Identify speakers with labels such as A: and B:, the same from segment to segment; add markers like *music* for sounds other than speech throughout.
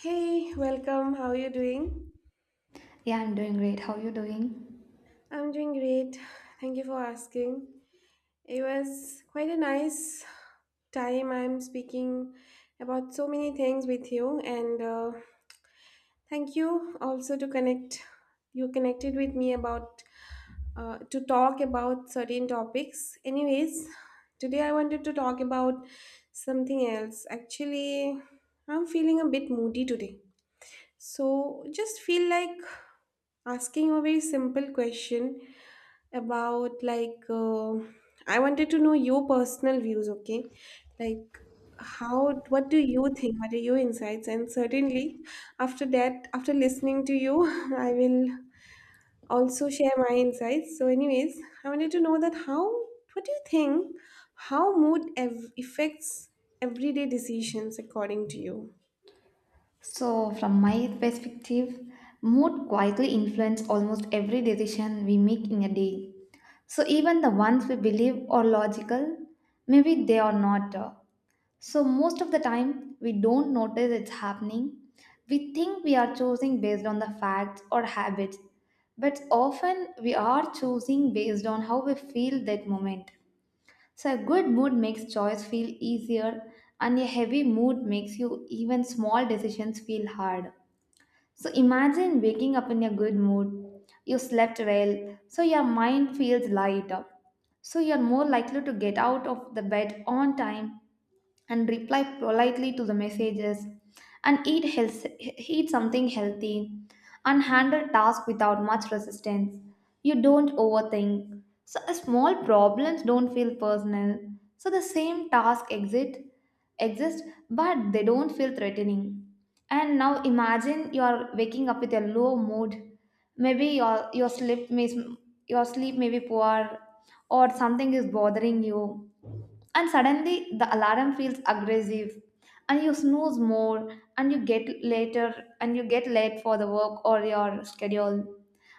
A: Hey, welcome. How are you doing?
B: Yeah, I'm doing great. How are you doing?
A: I'm doing great. Thank you for asking. It was quite a nice time. I'm speaking about so many things with you, and thank you also to connect. You connected with me about to talk about certain topics. Anyways, today I wanted to talk about something else. Actually, I'm feeling a bit moody today. So just feel like asking a very simple question about like I wanted to know your personal views, okay? Like how what do you think? What are your insights? And certainly after that, after listening to you, *laughs* I will also share my insights. So, anyways, I wanted to know that how what do you think how mood affects everyday decisions according to you?
B: So, from my perspective, mood quietly influences almost every decision we make in a day. So, even the ones we believe are logical, maybe they are not. So, most of the time, we don't notice it's happening. We think we are choosing based on the facts or habits, but often we are choosing based on how we feel that moment. So, a good mood makes choice feel easier, and a heavy mood makes you even small decisions feel hard. So, imagine waking up in a good mood. You slept well, so your mind feels lighter. So, you're more likely to get out of the bed on time and reply politely to the messages and eat health, eat something healthy, and handle tasks without much resistance. You don't overthink, so a small problems don't feel personal. So the same task exit exist, but they don't feel threatening. And now imagine you are waking up with a low mood. Maybe your sleep may, your sleep may be poor, or something is bothering you. And suddenly the alarm feels aggressive, and you snooze more and you get later, and you get late for the work or your schedule.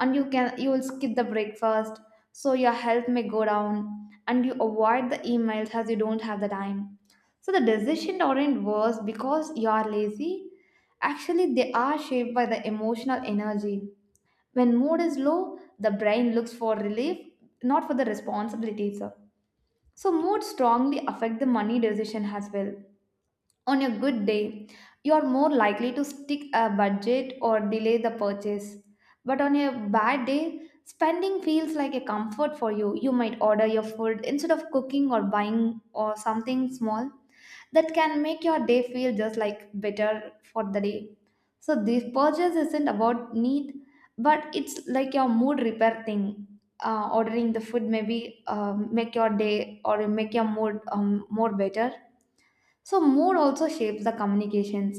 B: And you can, you will skip the breakfast, so your health may go down, and you avoid the emails as you don't have the time. So the decisions aren't worse because you are lazy. Actually they are shaped by the emotional energy. When mood is low, the brain looks for relief, not for the responsibilities. So, mood strongly affect the money decision as well. On a good day, you are more likely to stick a budget or delay the purchase. But on a bad day, spending feels like a comfort for you. You might order your food instead of cooking or buying or something small that can make your day feel just like better for the day. So this purchase isn't about need, but it's like your mood repair thing. Ordering the food maybe make your day or make your mood more better. So, mood also shapes the communications.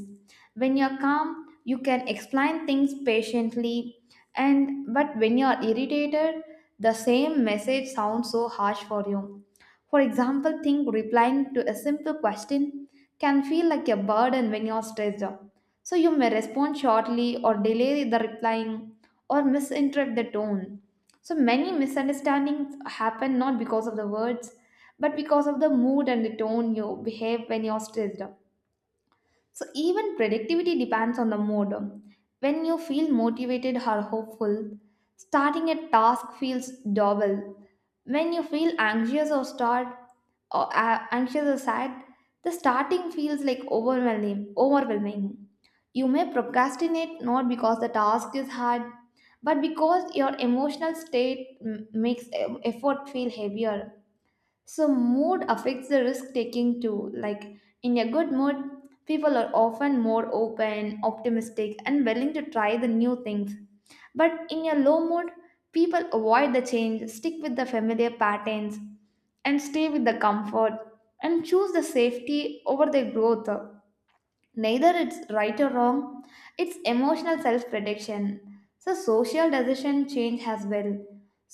B: When you're calm, you can explain things patiently, and but when you're irritated, the same message sounds so harsh for you. For example, think replying to a simple question can feel like a burden when you're stressed out. So, you may respond shortly or delay the replying or misinterpret the tone. So, many misunderstandings happen not because of the words but because of the mood and the tone you behave when you're stressed. So even productivity depends on the mood. When you feel motivated or hopeful, starting a task feels double. When you feel anxious or start or anxious or sad, the starting feels like overwhelming. Overwhelming. You may procrastinate not because the task is hard, but because your emotional state makes effort feel heavier. So, mood affects the risk taking too. Like, in a good mood, people are often more open, optimistic, and willing to try the new things. But in a low mood, people avoid the change, stick with the familiar patterns, and stay with the comfort and choose the safety over the growth. Neither it's right or wrong, it's emotional self-protection. So social decision change as well.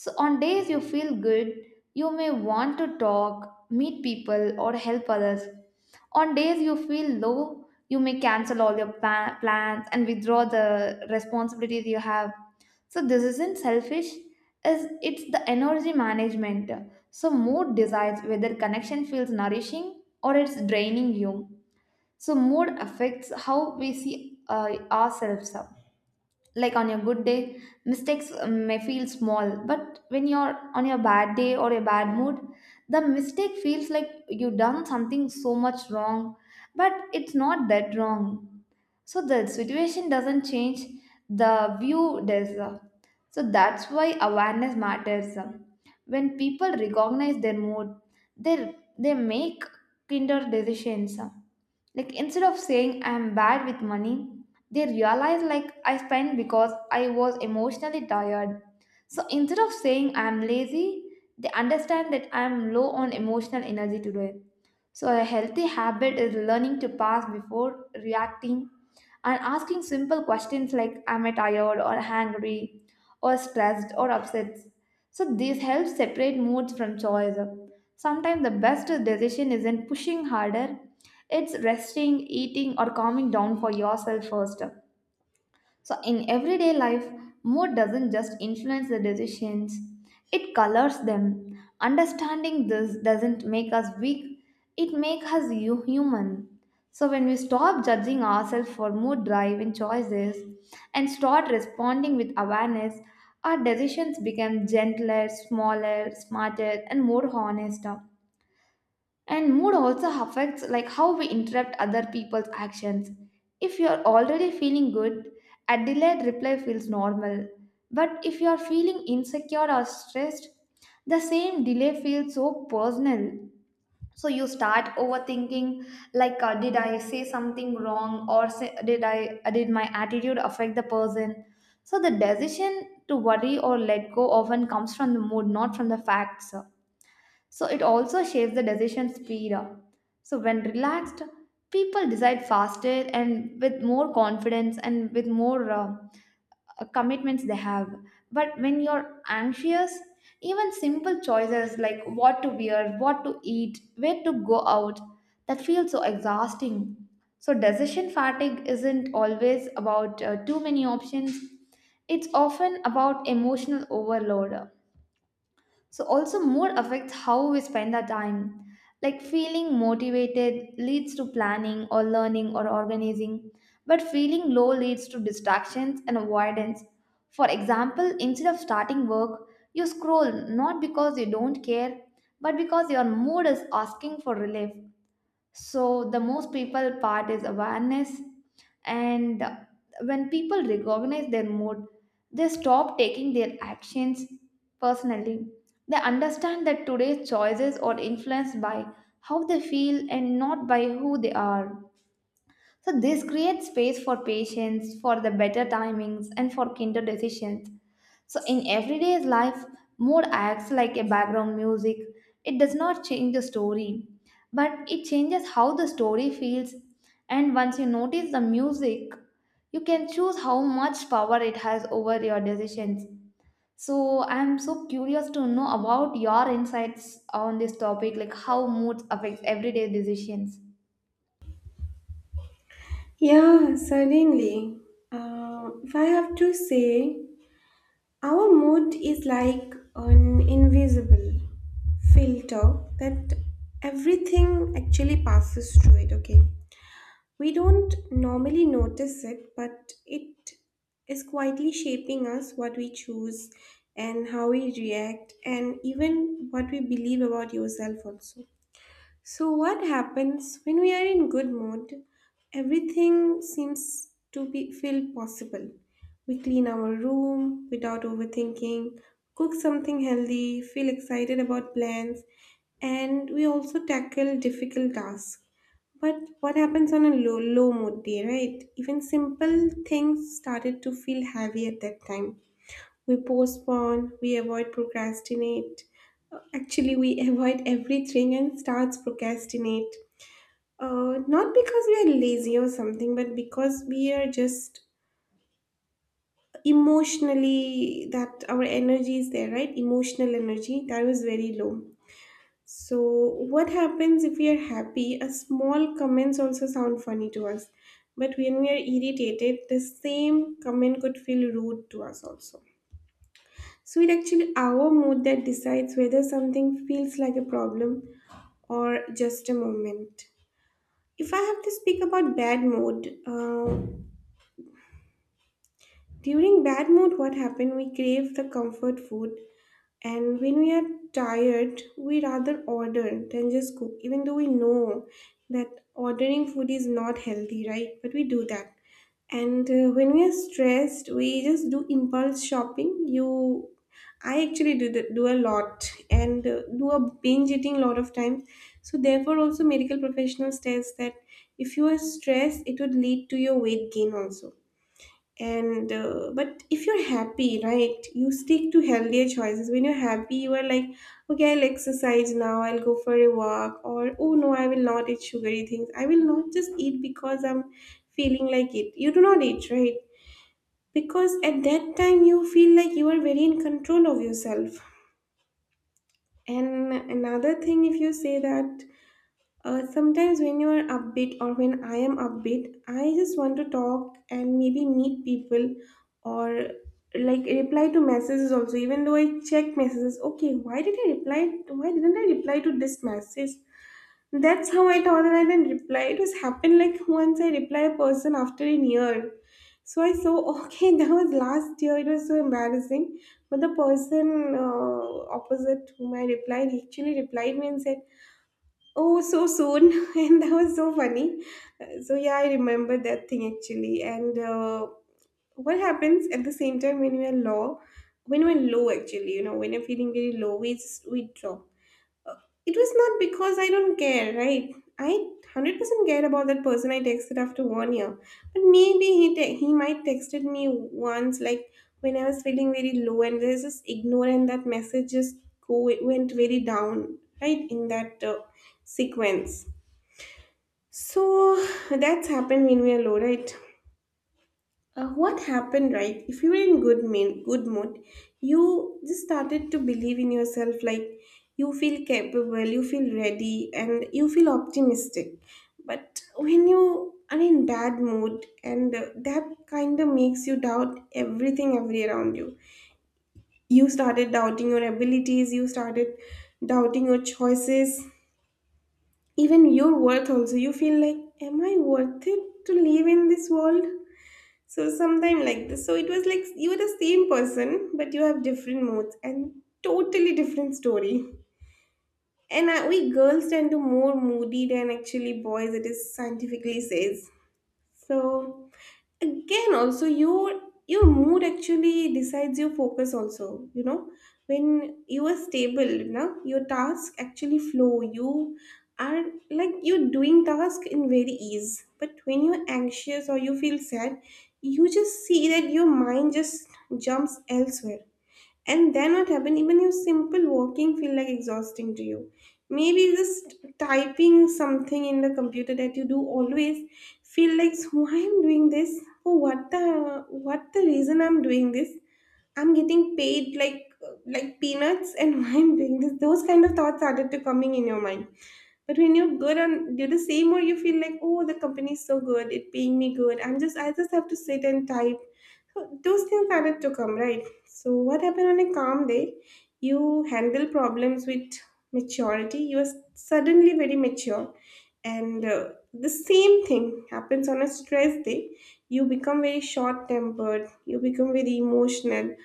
B: So on days you feel good, you may want to talk, meet people, or help others. On days you feel low, you may cancel all your plans and withdraw the responsibilities you have. So this isn't selfish, is it's the energy management. So mood decides whether connection feels nourishing or it's draining you. So mood affects how we see ourselves up. Like on your good day, mistakes may feel small, but when you're on your bad day or a bad mood, the mistake feels like you done something so much wrong, but it's not that wrong. So the situation doesn't change, the view does. So that's why awareness matters. When people recognize their mood, they make kinder decisions, like instead of saying I'm bad with money, they realize like I spent because I was emotionally tired. So instead of saying I'm lazy, they understand that I'm low on emotional energy today. So, a healthy habit is learning to pause before reacting and asking simple questions like, am I tired or hungry or stressed or upset? So, this helps separate moods from choice. Sometimes the best decision isn't pushing harder, it's resting, eating, or calming down for yourself first. So, in everyday life, mood doesn't just influence the decisions, it colors them. Understanding this doesn't make us weak, it makes us human. So, when we stop judging ourselves for mood driven choices and start responding with awareness, our decisions become gentler, smaller, smarter, and more honest. And mood also affects like how we interrupt other people's actions. If you are already feeling good, a delayed reply feels normal. But if you are feeling insecure or stressed, the same delay feels so personal. So you start overthinking like did I say something wrong, or say, did I did my attitude affect the person? So the decision to worry or let go often comes from the mood, not from the facts. So it also shapes the decision speed. So when relaxed, people decide faster and with more confidence and with more commitments they have. But when you're anxious, even simple choices like what to wear, what to eat, where to go out, that feels so exhausting. So decision fatigue isn't always about too many options. It's often about emotional overload. So, also, mood affects how we spend our time. Like, feeling motivated leads to planning or learning or organizing, but feeling low leads to distractions and avoidance. For example, instead of starting work, you scroll not because you don't care, but because your mood is asking for relief. So the most people part is awareness, and when people recognize their mood, they stop taking their actions personally. They understand that today's choices are influenced by how they feel and not by who they are. So this creates space for patience, for the better timings, and for kinder decisions. So in everyday life, mood acts like a background music. It does not change the story, but it changes how the story feels. And once you notice the music, you can choose how much power it has over your decisions. So I'm so curious to know about your insights on this topic, like how moods affects everyday decisions.
A: Yeah, certainly. If I have to say, our mood is like an invisible filter that everything actually passes through it, okay? We don't normally notice it, but it is quietly shaping us what we choose and how we react and even what we believe about yourself also. So, what happens when we are in good mood? Everything seems to be feel possible. We clean our room without overthinking, cook something healthy, feel excited about plans, and we also tackle difficult tasks. But what happens on a low mood day, right? Even simple things started to feel heavy at that time, we postpone, we avoid procrastinate. Actually, we *laughs* avoid everything and starts procrastinate. Not because we are lazy or something, but because we are just emotionally that our energy is there, right? Emotional energy that was very low. So, what happens if we are happy? A small comments also sound funny to us, but when we are irritated, the same comment could feel rude to us also. So it actually our mood that decides whether something feels like a problem or just a moment. If I have to speak about bad mood, during bad mood, what happened? We crave the comfort food. And when we are tired, we rather order than just cook, even though we know that ordering food is not healthy, right? But we do that. And when we are stressed, we just do impulse shopping. I actually do do a lot and do a binge eating lot of times. So therefore, also medical professionals says that if you are stressed, it would lead to your weight gain also, and but if you're happy, right, you stick to healthier choices. When you're happy, you are like, okay, I'll exercise now, I'll go for a walk, or oh no, I will not eat sugary things, I will not just eat because I'm feeling like it, you do not eat, right? Because at that time you feel like you are very in control of yourself. And another thing, if you say that, sometimes when you are upbeat, or when I am upbeat, I just want to talk and maybe meet people or like reply to messages also. Even though I check messages, okay, why did I reply? Why didn't I reply to this message? That's how I thought that I didn't reply. It was happened like once I reply a person after a year. So I saw, okay, *laughs* that was last year. It was so embarrassing. But the person opposite whom I replied, he actually replied me and said, oh, so soon, *laughs* and that was so funny. So yeah, I remember that thing actually. And what happens at the same time when we are low, when we're low actually, you know, when you're feeling very low, we drop. It was not because I don't care, right? I 100% care about that person I texted after one year, but maybe he he might texted me once like when I was feeling very low, and there's just ignore, that message just go went very down, right? In that sequence, so that's happened when we are low, right? What happened, right? If you were in good good mood, you just started to believe in yourself. Like you feel capable, you feel ready, and you feel optimistic. But when you are in bad mood, and that kind of makes you doubt everything, every around you. You started doubting your abilities. You started doubting your choices, even your worth also. You feel like, am I worth it to live in this world? So sometime like this. So it was like you were the same person, but you have different moods and totally different story. And we girls tend to more moody than actually boys, it is scientifically says. So again also, your mood actually decides your focus also, you know. When you are stable now, your tasks actually flow. You are Like, you're doing task in very ease. But when you're anxious or you feel sad, you just see that your mind just jumps elsewhere. And then what happened? Even your simple walking feel like exhausting to you. Maybe just typing something in the computer that you do always feel like, so why I'm doing this? Oh, what the reason I'm doing this? I'm getting paid like peanuts, and *laughs* why I'm doing this? Those kind of thoughts started to coming in your mind. But when you're good and do the same, or you feel like, oh, the company is so good, it paying me good. I just have to sit and type. So those things started to come, right? So what happened on a calm day? You handle problems with maturity. You are suddenly very mature. And the same thing happens on a stress day. You become very short tempered, you become very emotional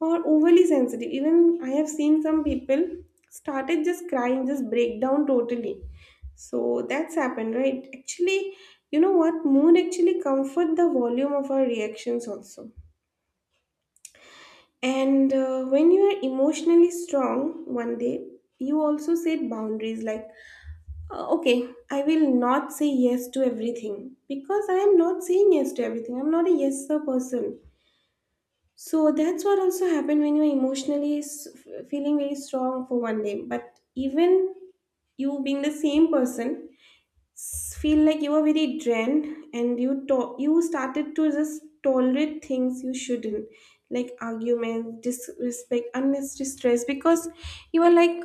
A: or overly sensitive. Even I have seen some people started just crying, just break down totally. So that's happened, right? Actually, you know what? Mood actually comfort the volume of our reactions also. And when you are emotionally strong one day, you also set boundaries like, okay, I will not say yes to everything, because I am not saying yes to everything. I'm not a yes sir person. So that's what also happened when you're emotionally feeling very strong for one day. But even you being the same person, feel like you were very drained, and you started to just tolerate things you shouldn't, like arguments, disrespect, unnecessary stress, because you were like,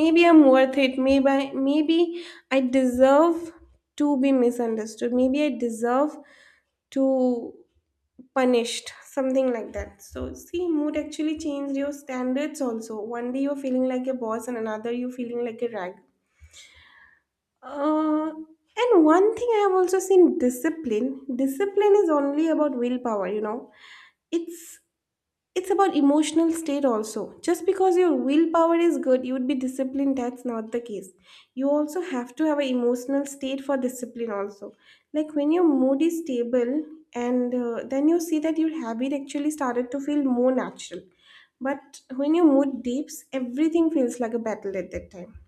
A: maybe I'm worth it, maybe I deserve to be misunderstood, maybe I deserve to punished, something like that. So see, mood actually changed your standards also. One day you're feeling like a boss, and another you're feeling like a rag. And one thing I have also seen, discipline. Discipline is only about willpower, you know. It's it's about emotional state also. Just because your willpower is good, you would be disciplined. That's not the case. You also have to have an emotional state for discipline also. Like when your mood is stable, and then you see that your habit actually started to feel more natural. But when your mood dips, everything feels like a battle. At that time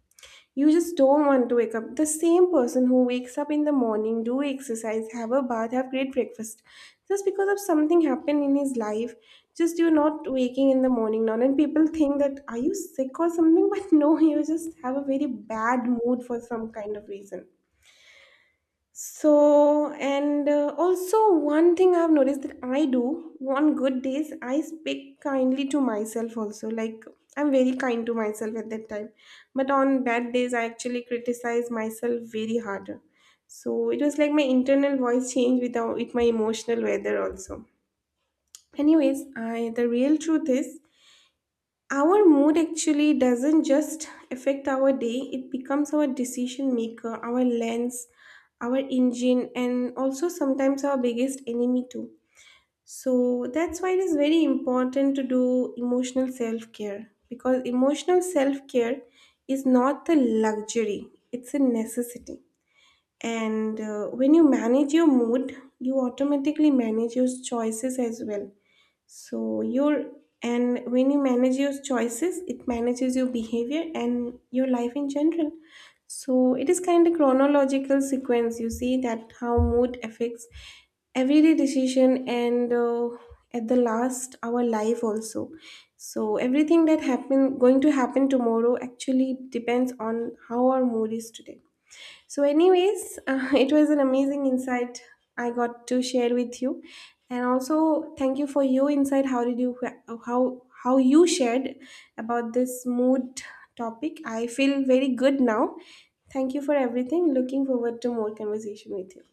A: you just don't want to wake up, the same person who wakes up in the morning, do exercise, have a bath, have great breakfast, just because of something happened in his life, just you're not waking in the morning now, and people think that are you sick or something, *laughs* but no, you just have a very bad mood for some kind of reason. So, and also one thing I've noticed that I do on good days, I speak kindly to myself also. Like, I'm very kind to myself at that time. But on bad days, I actually criticize myself very hard. So it was like my internal voice changed with my emotional weather also. Anyways, I the real truth is our mood actually doesn't just affect our day, it becomes our decision maker, our lens, our engine, and also sometimes our biggest enemy, too. So that's why it is very important to do emotional self care, because emotional self care is not a luxury, it's a necessity. And when you manage your mood, you automatically manage your choices as well. So your and when you manage your choices, it manages your behavior and your life in general. So it is kind of chronological sequence. You see that how mood affects everyday decision, and at the last our life also. So everything that happen going to happen tomorrow actually depends on how our mood is today. So, anyways, *laughs* it was an amazing insight I got to share with you, and also thank you for your insight. How you shared about this mood topic? I feel very good now. Thank you for everything. Looking forward to more conversation with you.